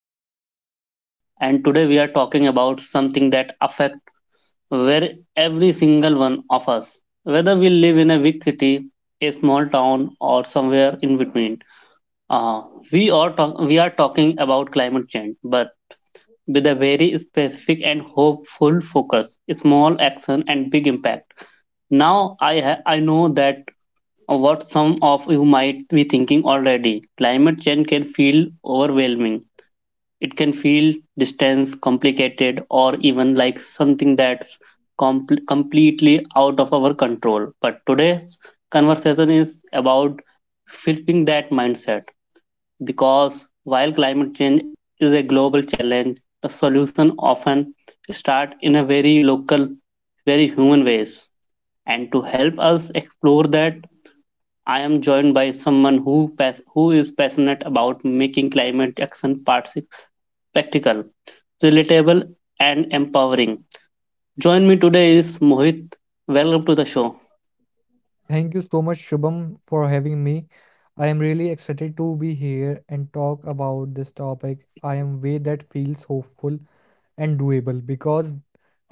Your host Shubham, and today we are talking about something that affects where every single one of us, whether we live in a big city, a small town, or somewhere in between. Uh, we are talking about climate change, but with a very specific and hopeful focus, small action and big impact. Now I know that what some of you might be thinking already. Climate change can feel overwhelming. It can feel distant, complicated, or even like something that's completely out of our control. But today's conversation is about flipping that mindset because while climate change is a global challenge, the solution often start in a very local, very human ways. And to help us explore that, I am joined by someone who who is passionate about making climate action practical, relatable, and empowering. Join me today is Mohit. Welcome to the show. Thank you so much, Shubham, for having me. I am really excited to be here and talk about this topic. I am way that feels hopeful and doable because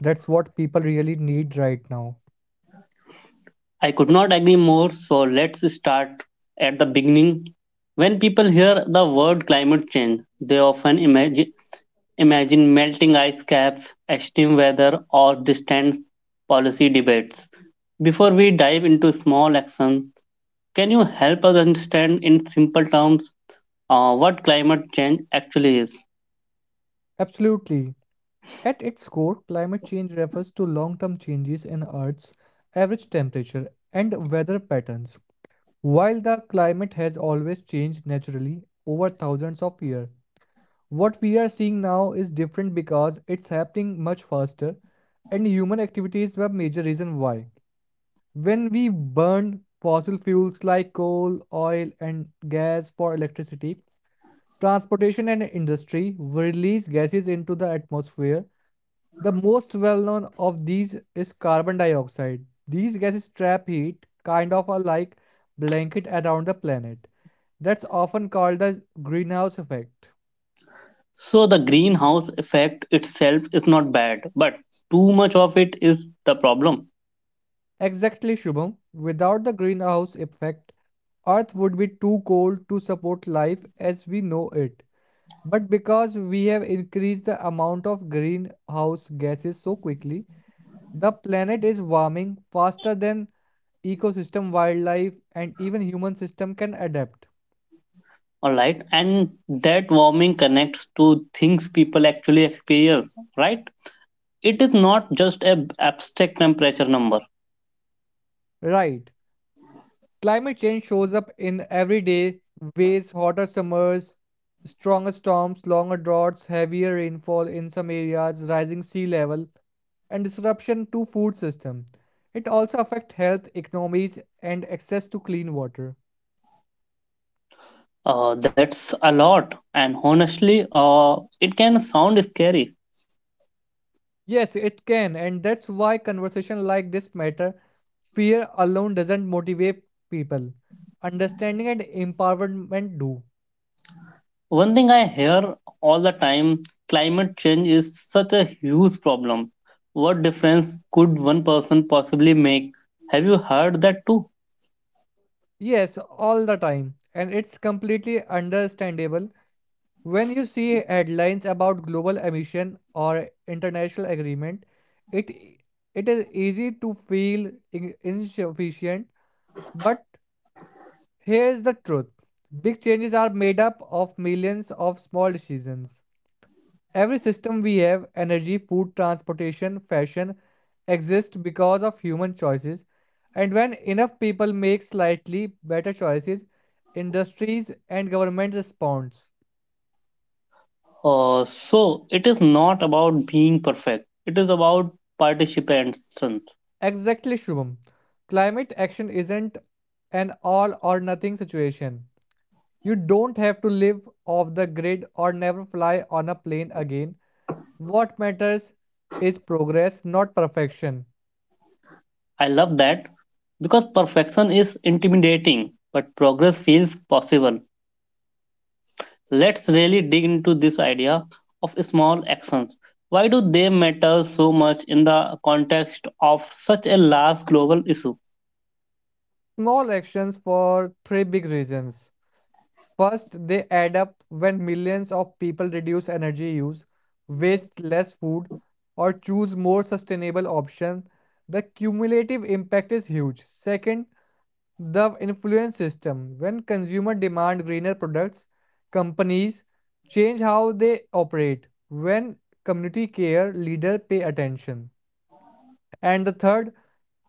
that's what people really need right now. I could not agree more. So let's start at the beginning. When people hear the word climate change, they often imagine melting ice caps, extreme weather, or distant policy debates. Before we dive into small actions, can you help us understand in simple terms what climate change actually is? Absolutely. At its core, climate change refers to long-term changes in Earth's average temperature and weather patterns. While the climate has always changed naturally over thousands of years, what we are seeing now is different because it's happening much faster, and human activities were major reason why. When we burn fossil fuels like coal, oil, and gas for electricity, transportation and industry we release gases into the atmosphere. The most well-known of these is carbon dioxide. These gases trap heat, kind of a like blanket around the planet. That's often called the greenhouse effect. So, the greenhouse effect itself is not bad, but too much of it is the problem. Exactly, Shubham. Without the greenhouse effect, Earth would be too cold to support life as we know it. But because we have increased the amount of greenhouse gases so quickly, the planet is warming faster than ecosystem, wildlife, and even human system can adapt. All right, and that warming connects to things people actually experience, right? It is not just a abstract temperature number. Right. Climate change shows up in everyday ways hotter summers, stronger storms, longer droughts, heavier rainfall in some areas, rising sea level, and disruption to food system. It also affect health, economies, and access to clean water. That's a lot, and honestly, it can sound scary. Yes, it can, and that's why conversation like this matter. Fear alone doesn't motivate people. Understanding and empowerment do. One thing I hear all the time, climate change is such a huge problem, what difference could one person possibly make? Have you heard that too? Yes, all the time, and it's completely understandable when you see headlines about global emission or international agreement. It it is easy to feel insufficient, but here's the truth, big changes are made up of millions of small decisions. Every system we have energy, food, transportation, fashion exists because of human choices. And when enough people make slightly better choices, industries and government respond. So it is not about being perfect, it is about participation. Exactly, Shubham. Climate action isn't an all or nothing situation. You don't have to live off the grid or never fly on a plane again. What matters is progress, not perfection. I love that because perfection is intimidating, but progress feels possible. Let's really dig into this idea of small actions. Why do they matter so much in the context of such a large global issue? Small actions for three big reasons. First, they add up. When millions of people reduce energy use, waste less food, or choose more sustainable options, the cumulative impact is huge. Second, the influence system. When consumer demand greener products, companies change how they operate. When community care leaders pay attention. And the third,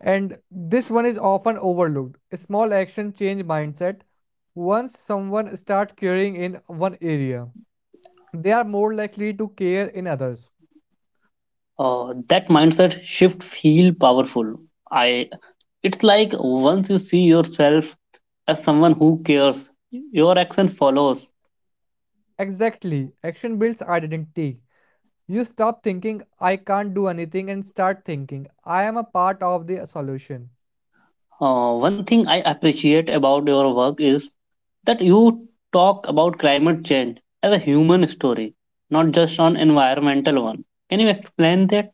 and this one is often overlooked, small action change mindset. Once someone starts caring in one area, they are more likely to care in others. That mindset shift feel powerful. I It's like once you see yourself as someone who cares, your action follows. Exactly, action builds identity. You stop thinking, I can't do anything, and start thinking, I am a part of the solution. One thing I appreciate about your work is that you talk about climate change as a human story, not just an environmental one. Can you explain that?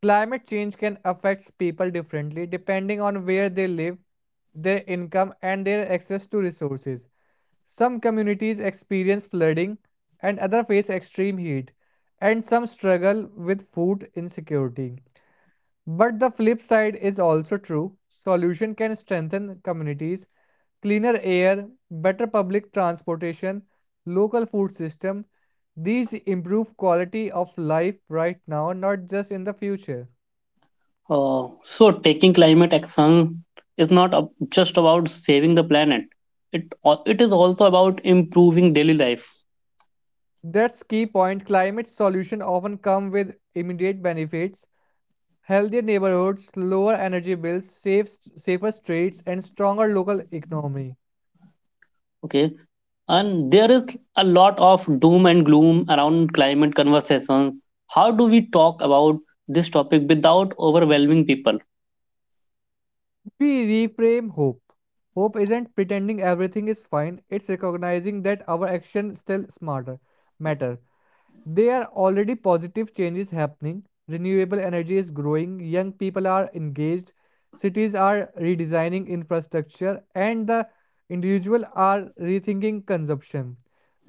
Climate change can affect people differently depending on where they live, their income, and their access to resources. Some communities experience flooding and others face extreme heat, and some struggle with food insecurity. But the flip side is also true. Solution can strengthen communities, cleaner air, better public transportation, local food system. These improve quality of life right now, not just in the future. So, taking climate action is not just about saving the planet. It al- it is also about improving daily life. That's key point. Climate solutions often come with immediate benefits. Healthier neighborhoods, lower energy bills, safe, safer streets, and stronger local economy. Okay, and there is a lot of doom and gloom around climate conversations. How do we talk about this topic without overwhelming people? We reframe hope. Hope isn't pretending everything is fine, it's recognizing that our actions still smarter matter. There are already positive changes happening. Renewable energy is growing, young people are engaged, cities are redesigning infrastructure, and the individual are rethinking consumption.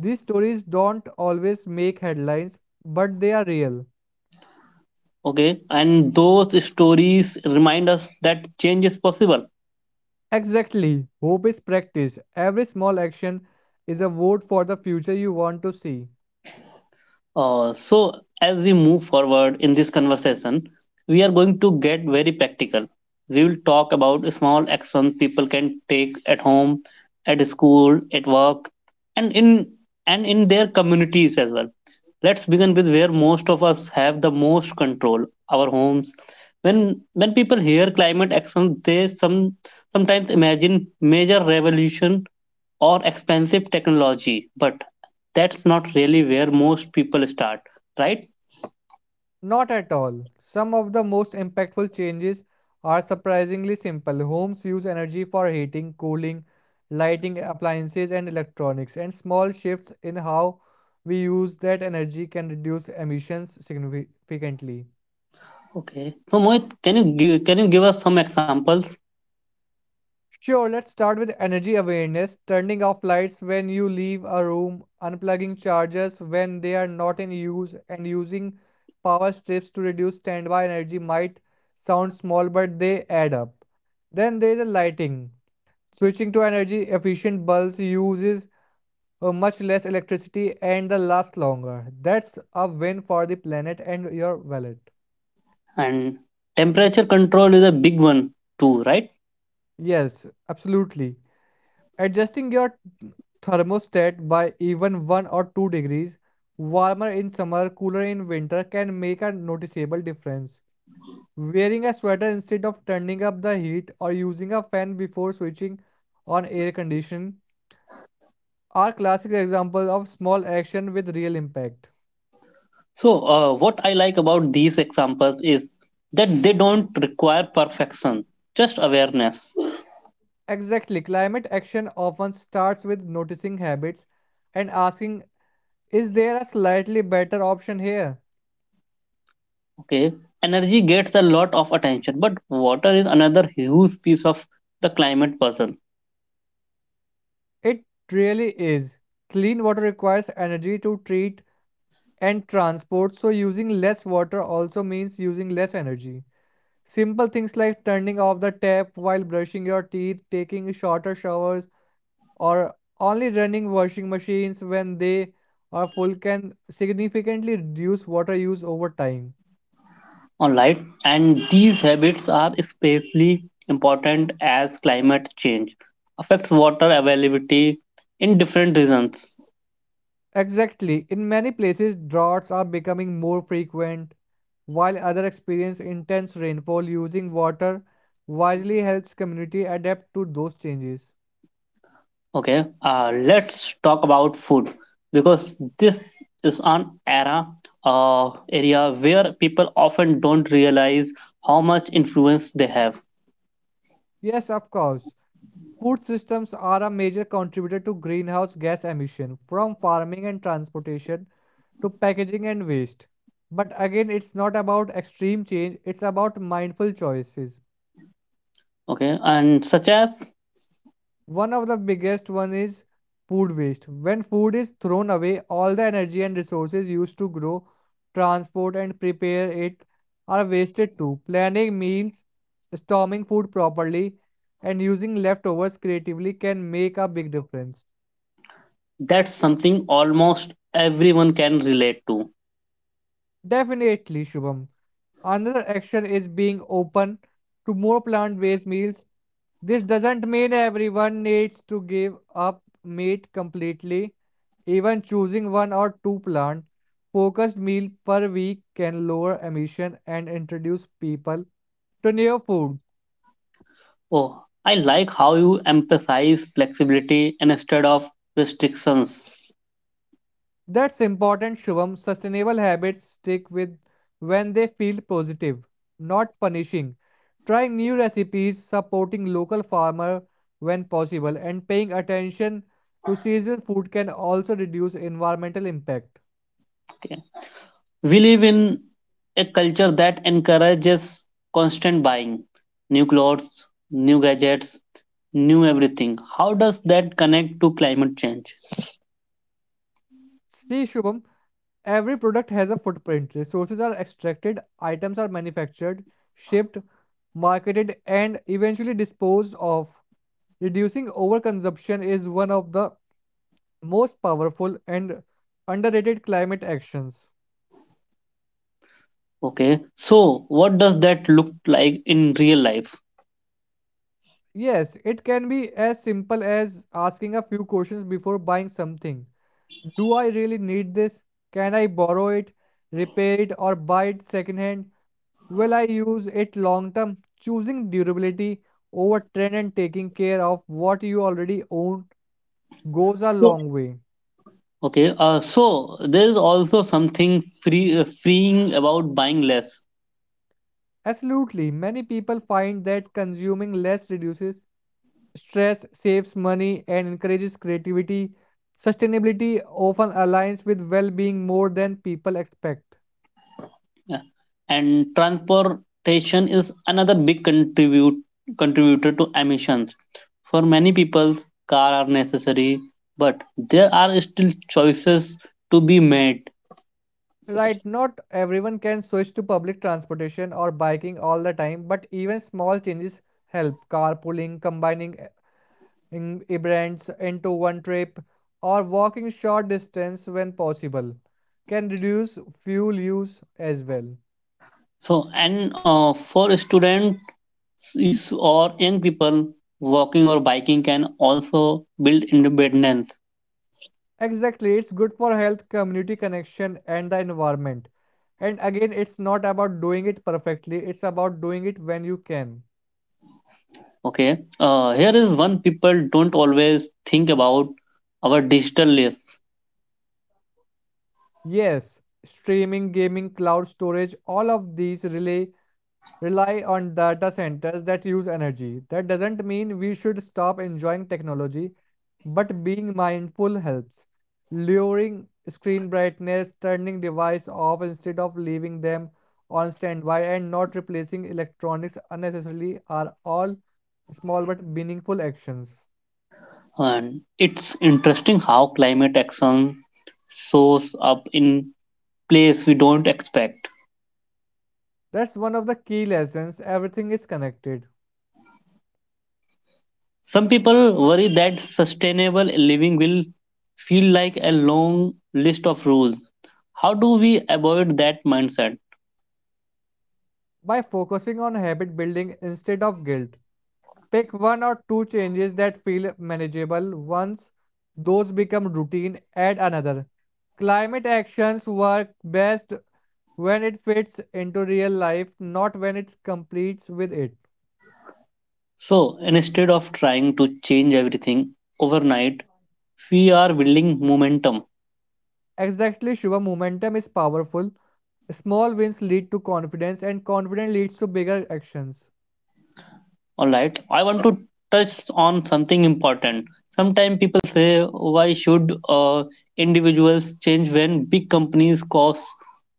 These stories don't always make headlines, but they are real. Okay, and those stories remind us that change is possible. Exactly. Hope is practice. Every small action is a vote for the future you want to see. So, as we move forward in this conversation, we are going to get very practical. We will talk about small actions people can take at home, at school, at work, and in and in their communities as well. Let's begin with where most of us have the most control: our homes. When people hear climate action, they sometimes imagine major revolution or expensive technology. But that's not really where most people start, right? Not at all. Some of the most impactful changes are surprisingly simple. Homes use energy for heating, cooling, lighting, appliances, and electronics, and small shifts in how we use that energy can reduce emissions significantly. Okay. So Mohit, can you give us some examples? Sure, let's start with energy awareness, turning off lights when you leave a room, unplugging chargers when they are not in use, and using power strips to reduce standby energy might sound small, but they add up. Then there is a lighting. Switching to energy efficient bulbs uses much less electricity and they last longer. That's a win for the planet and your wallet. And temperature control is a big one too, right? Yes, absolutely. Adjusting your thermostat by even 1 or 2 degrees warmer in summer, cooler in winter can make a noticeable difference. Wearing a sweater instead of turning up the heat or using a fan before switching on air conditioning, are classic examples of small action with real impact. So what I like about these examples is that they don't require perfection, just awareness. Exactly, climate action often starts with noticing habits and asking, is there a slightly better option here? Okay. Energy gets a lot of attention, but water is another huge piece of the climate puzzle. It really is. Clean water requires energy to treat and transport, so using less water also means using less energy. Simple things like turning off the tap while brushing your teeth, taking shorter showers, or only running washing machines when they are full can significantly reduce water use over time. On light, and these habits are especially important as climate change affects water availability in different regions. Exactly. In many places, droughts are becoming more frequent, while others experience intense rainfall. Using water wisely helps community adapt to those changes. Okay, let's talk about food because this is an era area where people often don't realize how much influence they have. Yes, of course. Food systems are a major contributor to greenhouse gas emission, from farming and transportation to packaging and waste. But again, it's not about extreme change, it's about mindful choices. Okay, and such as? One of the biggest one is food waste. When food is thrown away, all the energy and resources used to grow, transport and prepare it are wasted too. Planning meals, storing food properly, and using leftovers creatively can make a big difference. That's something almost everyone can relate to. Definitely, Shubham. Another action is being open to more plant-based meals. This doesn't mean everyone needs to give up meat completely. Even choosing one or two plant focused meal per week can lower emission and introduce people to new food. Oh, I like how you emphasize flexibility instead of restrictions. That's important, Shubham. Sustainable habits stick with when they feel positive, not punishing. Trying new recipes, supporting local farmer when possible, and paying attention to seasonal food can also reduce environmental impact. Okay. We live in a culture that encourages constant buying, new clothes, new gadgets, new everything. How does that connect to climate change? See, Shubham, every product has a footprint. Resources are extracted, items are manufactured, shipped, marketed, and eventually disposed of. Reducing overconsumption is one of the most powerful and underrated climate actions. Okay, so what does that look like in real life? Yes, it can be as simple as asking a few questions before buying something. Do I really need this? Can I borrow it, repair it, or buy it secondhand? Will I use it long term? Choosing durability over trend and taking care of what you already own goes a So, long way. okay, so there is also something freeing about buying less. Absolutely, many people find that consuming less reduces stress, saves money and encourages creativity. Sustainability often aligns with well being more than people expect. Yeah. And transportation is another big contribute contributor to emissions. For many people, car are necessary, but there are still choices to be made. Right, not everyone can switch to public transportation or biking all the time, but even small changes help. Carpooling, combining events into one trip, or walking short distance when possible can reduce fuel use as well. So, and for students, or young people, walking or biking can also build independence. Exactly, it's good for health, community connection, and the environment. And again, it's not about doing it perfectly, it's about doing it when you can. Okay. Here is one people don't always think about, our digital life. Yes, streaming, gaming, cloud storage, all of these rely on data centers that use energy. That doesn't mean we should stop enjoying technology, but being mindful helps. Lowering screen brightness, turning devices off instead of leaving them on standby, and not replacing electronics unnecessarily are all small but meaningful actions. And it's interesting how climate action shows up in place we don't expect. That's one of the key lessons. Everything is connected. Some people worry that sustainable living will feel like a long list of rules. How do we avoid that mindset? By focusing on habit building instead of guilt, pick one or two changes that feel manageable. Once those become routine, add another. Climate actions work best when it fits into real life, not when it completes with it. So instead of trying to change everything overnight, we are building momentum. Exactly, Shiva, momentum is powerful. Small wins lead to confidence, and confidence leads to bigger actions. All right, I want to touch on something important. Sometimes people say, why should individuals change when big companies cause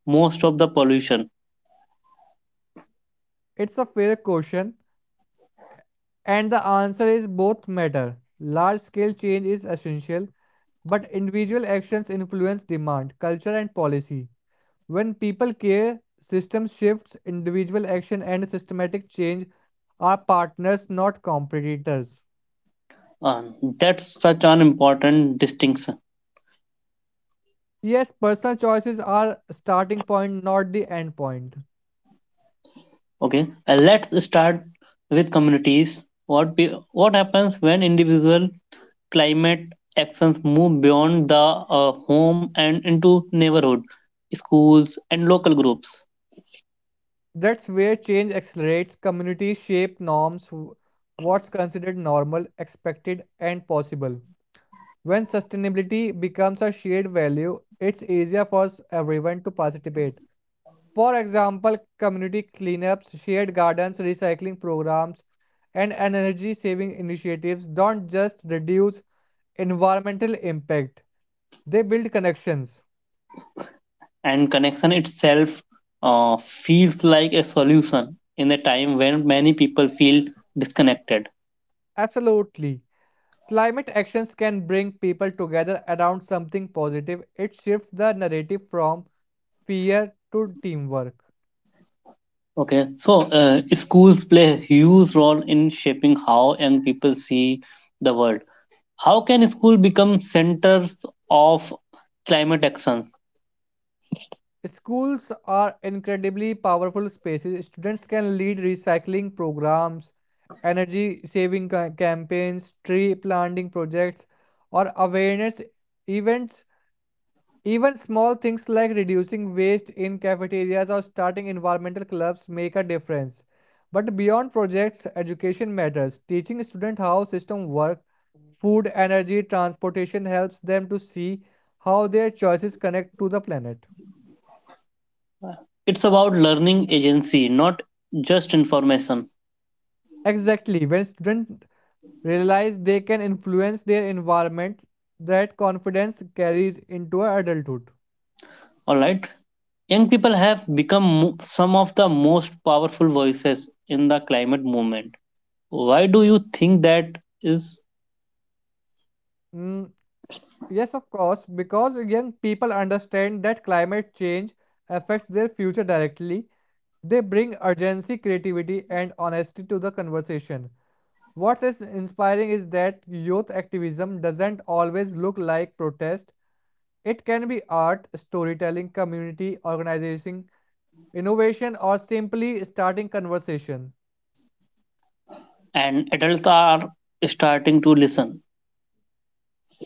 most of the pollution? It's a fair question. And the answer is both matter. Large scale change is essential, but individual actions influence demand, culture, and policy. When people care, system shifts, individual action, and systematic change are partners, not competitors. Uh, that's such an important distinction. Yes, personal choices are starting point, not the end point. Okay. Let's start with communities. What be, what happens when individual climate actions move beyond the home and into neighborhood, schools, and local groups? That's where change accelerates. Communities shape norms, what's considered normal, expected, and possible. When sustainability becomes a shared value, it's easier for everyone to participate. For example, community cleanups, shared gardens, recycling programs, and energy saving initiatives don't just reduce environmental impact, they build connections. And connection itself uh, feels like a solution in a time when many people feel disconnected. Absolutely. Climate actions can bring people together around something positive. It shifts the narrative from fear to teamwork. Okay, so schools play a huge role in shaping how young people see the world. How can school become centers of climate action? Schools are incredibly powerful spaces. Students can lead recycling programs, energy saving campaigns, tree planting projects, or awareness events. Even small things like reducing waste in cafeterias or starting environmental clubs make a difference. But beyond projects, education matters. Teaching students how systems work, food, energy, transportation helps them to see how their choices connect to the planet. It's about learning agency, not just information. Exactly. When students realize they can influence their environment, that confidence carries into adulthood. All right, young people have become some of the most powerful voices in the climate movement. Why do you think that is? Mm, yes, of course, because young people understand that climate change affects their future directly, they bring urgency, creativity, and honesty to the conversation. What is inspiring is that youth activism doesn't always look like protest. It can be art, storytelling, community organizing, innovation, or simply starting conversation. And adults are starting to listen.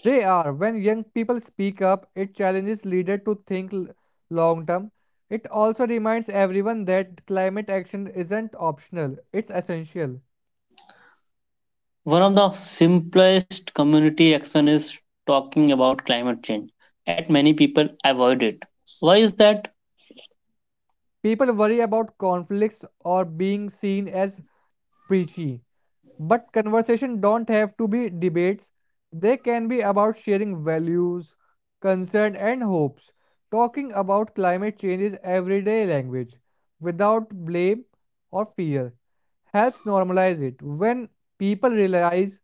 They are when young people speak up, it challenges leaders to think long term. It also reminds everyone that climate action isn't optional, it's essential. One of the simplest community action is talking about climate change. Yet many people avoid it. Why is that? People worry about conflicts or being seen as preachy, but conversation don't have to be debates. They can be about sharing values, concern and hopes. Talking about climate change is everyday language without blame or fear helps normalize it. When people realize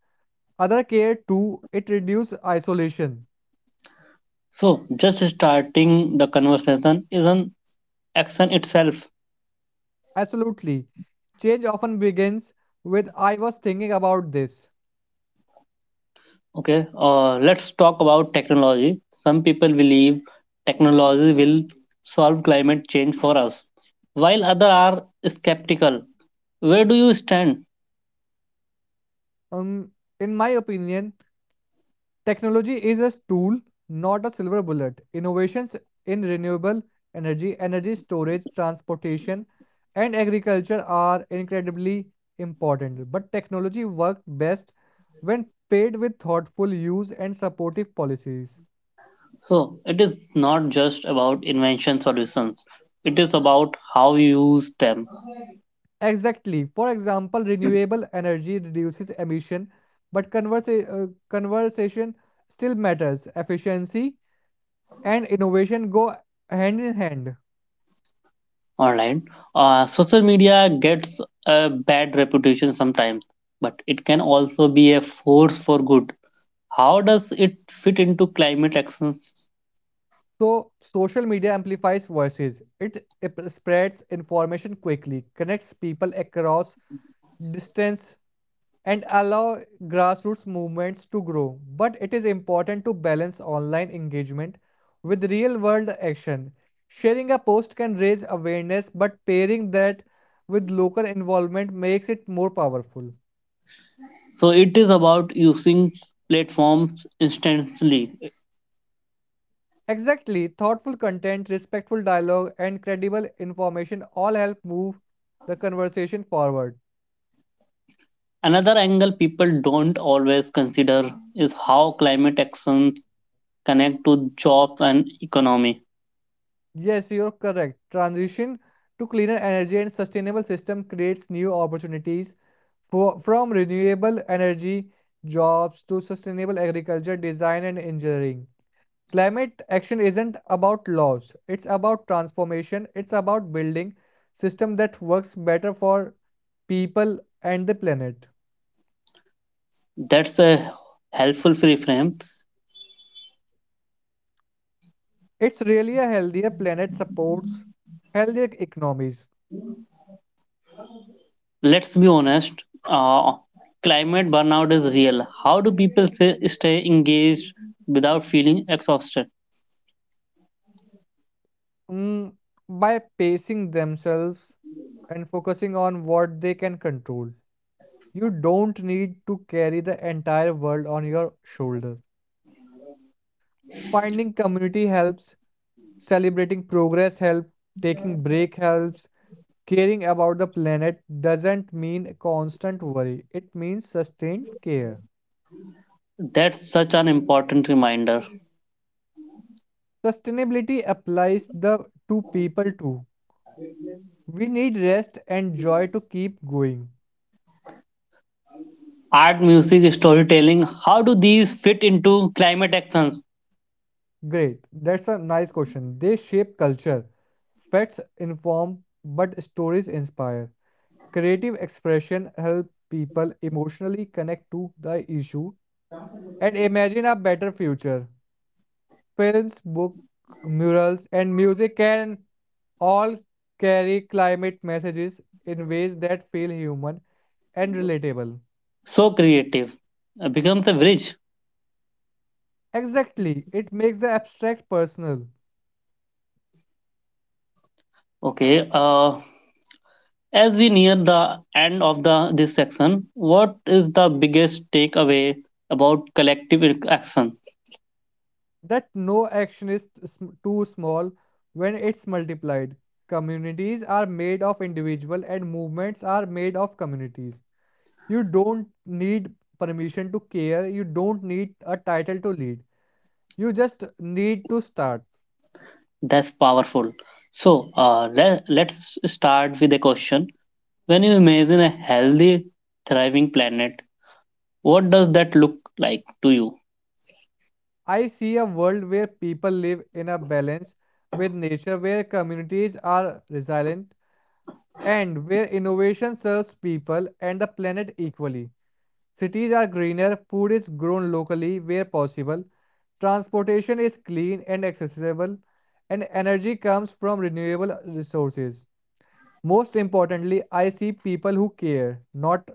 other care too, it reduces isolation. So just starting the conversation is an action itself. Absolutely. Change often begins with I was thinking about this. Okay. Let's talk about technology. Some people believe technology will solve climate change for us, while others are skeptical. Where do you stand? Um, in my opinion, technology is a tool, not a silver bullet. Innovations in renewable energy, energy storage, transportation, and agriculture are incredibly important. But technology works best when paired with thoughtful use and supportive policies. So it is not just about invention solutions. It is about how you use them Exactly. For example, renewable energy reduces emission, but conversation still matters. Efficiency and innovation go hand in hand. online. Social media gets a bad reputation sometimes, but it can also be a force for good. How does it fit into climate actions? So, social media amplifies voices. It spreads information quickly, connects people across distance, and allow grassroots movements to grow. But it is important to balance online engagement with real-world action. Sharing a post can raise awareness, but pairing that with local involvement makes it more powerful. So it is about using platforms instantly. Exactly, thoughtful content, respectful dialogue, and credible information all help move the conversation forward. Another angle people don't always consider is how climate actions connect to jobs and economy. Yes, you're correct. Transition to cleaner energy and sustainable system creates new opportunities for, from renewable energy jobs to sustainable agriculture, design and engineering. Climate action isn't about laws. It's about transformation. It's about building system that works better for people and the planet. That's a helpful free frame. It's really a healthier planet supports healthier economies. Let's be honest. Uh, climate burnout is real. How do people say, stay engaged without feeling exhausted? Mm, by pacing themselves and focusing on what they can control. You don't need to carry the entire world on your shoulder. Finding community helps, celebrating progress helps, taking break helps. Caring about the planet doesn't mean constant worry. It means sustained care. That's such an important reminder. Sustainability applies the to people too. We need rest and joy to keep going. Art, music, storytelling. How do these fit into climate actions? Great. That's a nice question. They shape culture. Facts inform, but stories inspire. Creative expression help people emotionally connect to the issue and imagine a better future. Films, books, murals, and music can all carry climate messages in ways that feel human and relatable. So creative becomes a bridge. Exactly. It makes the abstract personal. Okay. As we near the end of the this section, what is the biggest takeaway about collective action? That no action is too small when it's multiplied. Communities are made of individuals, and movements are made of communities. You don't need permission to care, you don't need a title to lead. You just need to start. That's powerful. So let's start with a question. When you imagine a healthy, thriving planet, what does that look like to you? I see a world where people live in a balance with nature, where communities are resilient, and where innovation serves people and the planet equally. Cities are greener, food is grown locally where possible, transportation is clean and accessible, and energy comes from renewable resources. Most importantly, I see people who care, not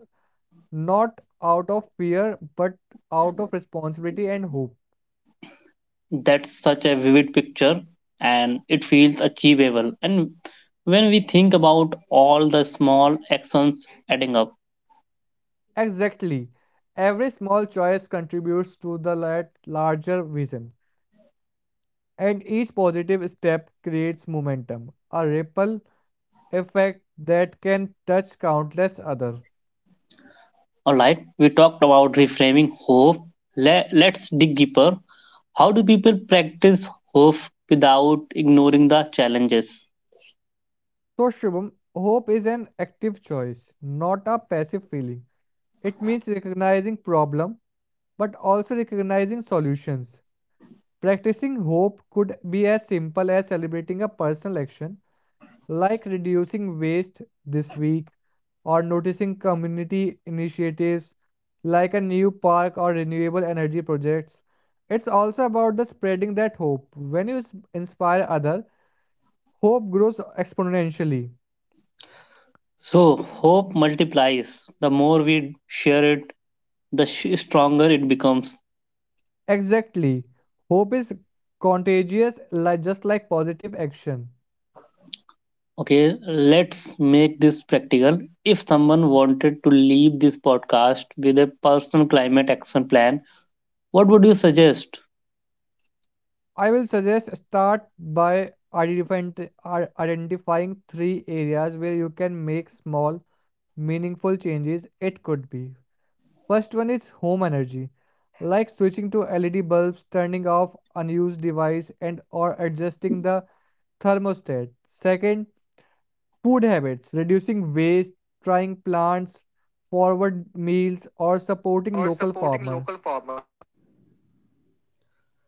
not out of fear but out of responsibility and hope. That's such a vivid picture and it feels achievable. And when we think about all the small actions adding up, Exactly. Every small choice contributes to the larger vision, and each positive step creates momentum, a ripple effect that can touch countless others. all right, we talked about reframing hope. Let's dig deeper. How do people practice hope without ignoring the challenges? So, Shubham, hope is an active choice, not a passive feeling. It means recognizing problem, but also recognizing solutions. Practicing hope could be as simple as celebrating a personal action, like reducing waste this week, or noticing community initiatives like a new park or renewable energy projects. It's also about the spreading that hope. When you inspire others, hope grows exponentially. So, hope multiplies. The more we share it, the stronger it becomes. Exactly. Hope is contagious, like just like positive action. Okay, let's make this practical. If someone wanted to leave this podcast with a personal climate action plan, what would you suggest? I will suggest start by identifying three areas where you can make small, meaningful changes. It could be. First one is home energy, like switching to LED bulbs, turning off unused device, and or adjusting the thermostat. Second, food habits, reducing waste, trying plants, forward meals, or supporting local farmer.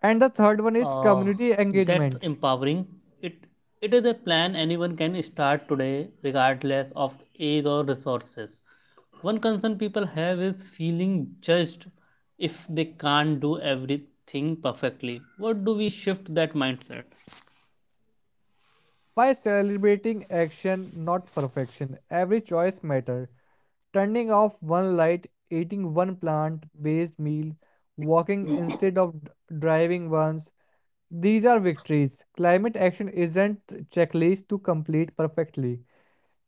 And the third one is community engagement. By celebrating action, not perfection, every choice matter. Turning off one light, eating one plant-based meal, walking instead of driving once. These are victories. Climate action isn't checklist to complete perfectly.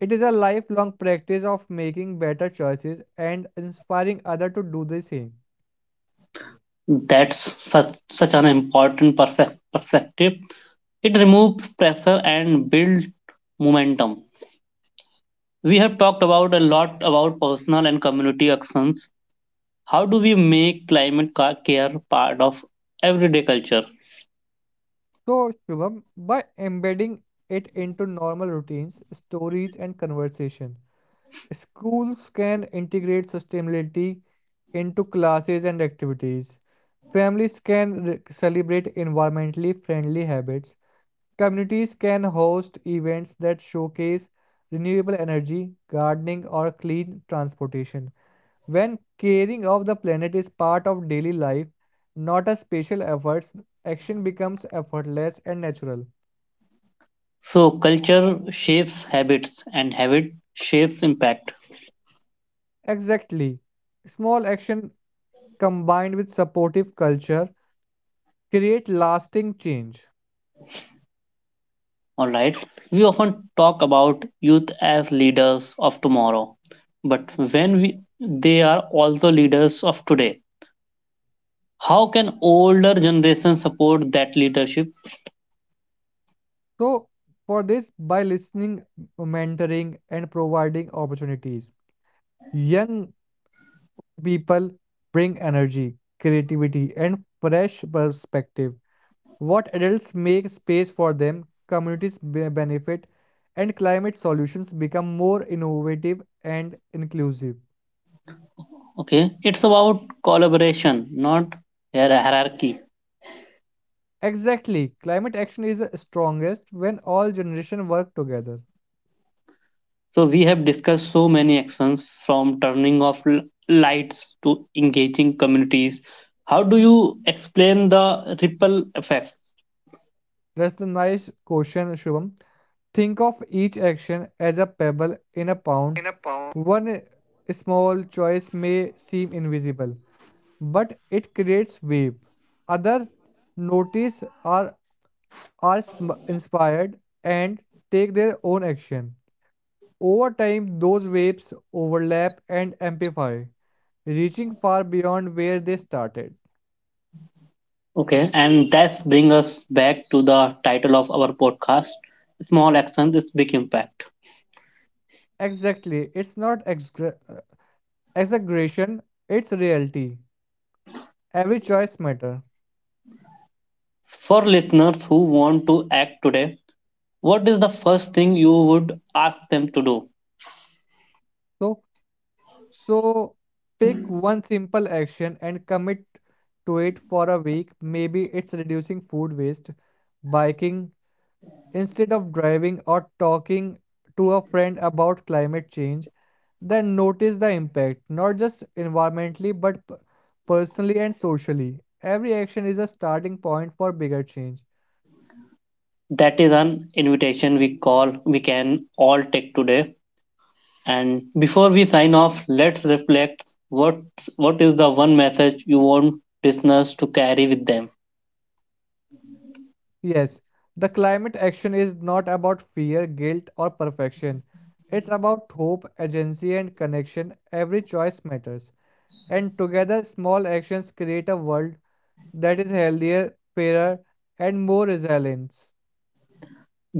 It is a lifelong practice of making better choices and inspiring others to do the same. That's such an important perspective. It removes pressure and builds momentum. We have talked about a lot about personal and community actions. How do we make climate care part of everyday culture? So, Shubham, by embedding it into normal routines, stories, and conversation, schools can integrate sustainability into classes and activities. Families can celebrate environmentally friendly habits. Communities can host events that showcase renewable energy, gardening, or clean transportation. When caring of the planet is part of daily life, not a special efforts, action becomes effortless and natural. So, culture shapes habits and habit shapes impact. Exactly. Small action combined with supportive culture create lasting change. All right. We often talk about youth as leaders of tomorrow, but when we they are also leaders of today. How can older generation support that leadership? So for this by listening, mentoring and providing opportunities, young people bring energy, creativity and fresh perspective. What adults make space for them, communities benefit, and climate solutions become more innovative and inclusive. Okay, it's about collaboration, not hierarchy. Exactly, climate action is strongest when all generations work together. So we have discussed so many actions from turning off lights to engaging communities. How do you explain the ripple effect? That's a nice question, Shubham. Think of each action as a pebble in a pound. One small choice may seem invisible, but it creates wave. Other notice are inspired and take their own action. Over time, those waves overlap and amplify, reaching far beyond where they started. Okay, and that brings us back to the title of our podcast, Small Actions, is Big Impact. Exactly, it's not exaggeration, it's reality. Every choice matters. For listeners who want to act today, what is the first thing you would ask them to do? So, so pick one simple action and commit to it for a week. Maybe it's reducing food waste, biking, instead of driving or talking to a friend about climate change, then notice the impact, not just environmentally but personally and socially. Every action is a starting point for bigger change. That is an invitation we can all take today. And before we sign off, let's reflect, what is the one message you want listeners to carry with them. Yes, the climate action is not about fear, guilt, or perfection. It's about hope, agency, and connection. Every choice matters. And together, small actions create a world that is healthier, fairer, and more resilient.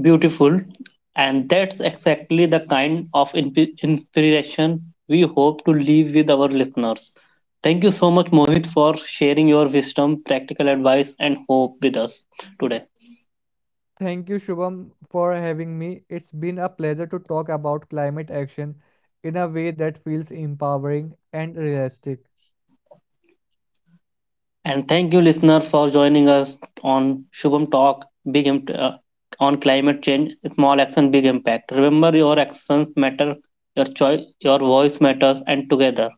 Beautiful. And that's exactly the kind of inspiration we hope to leave with our listeners. Thank you so much, Mohit, for sharing your wisdom, practical advice, and hope with us today. Thank you, Shubham, for having me. It's been a pleasure to talk about climate action in a way that feels empowering and realistic. And thank you, listener, for joining us on Shubham Talk Big Imp- on Climate Change Small Action, Big Impact. Remember, your actions matter, your choice, your voice matters, and together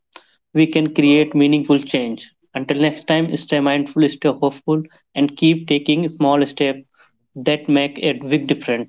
we can create meaningful change. Until next time, stay mindful, stay hopeful, and keep taking small steps that make a big difference.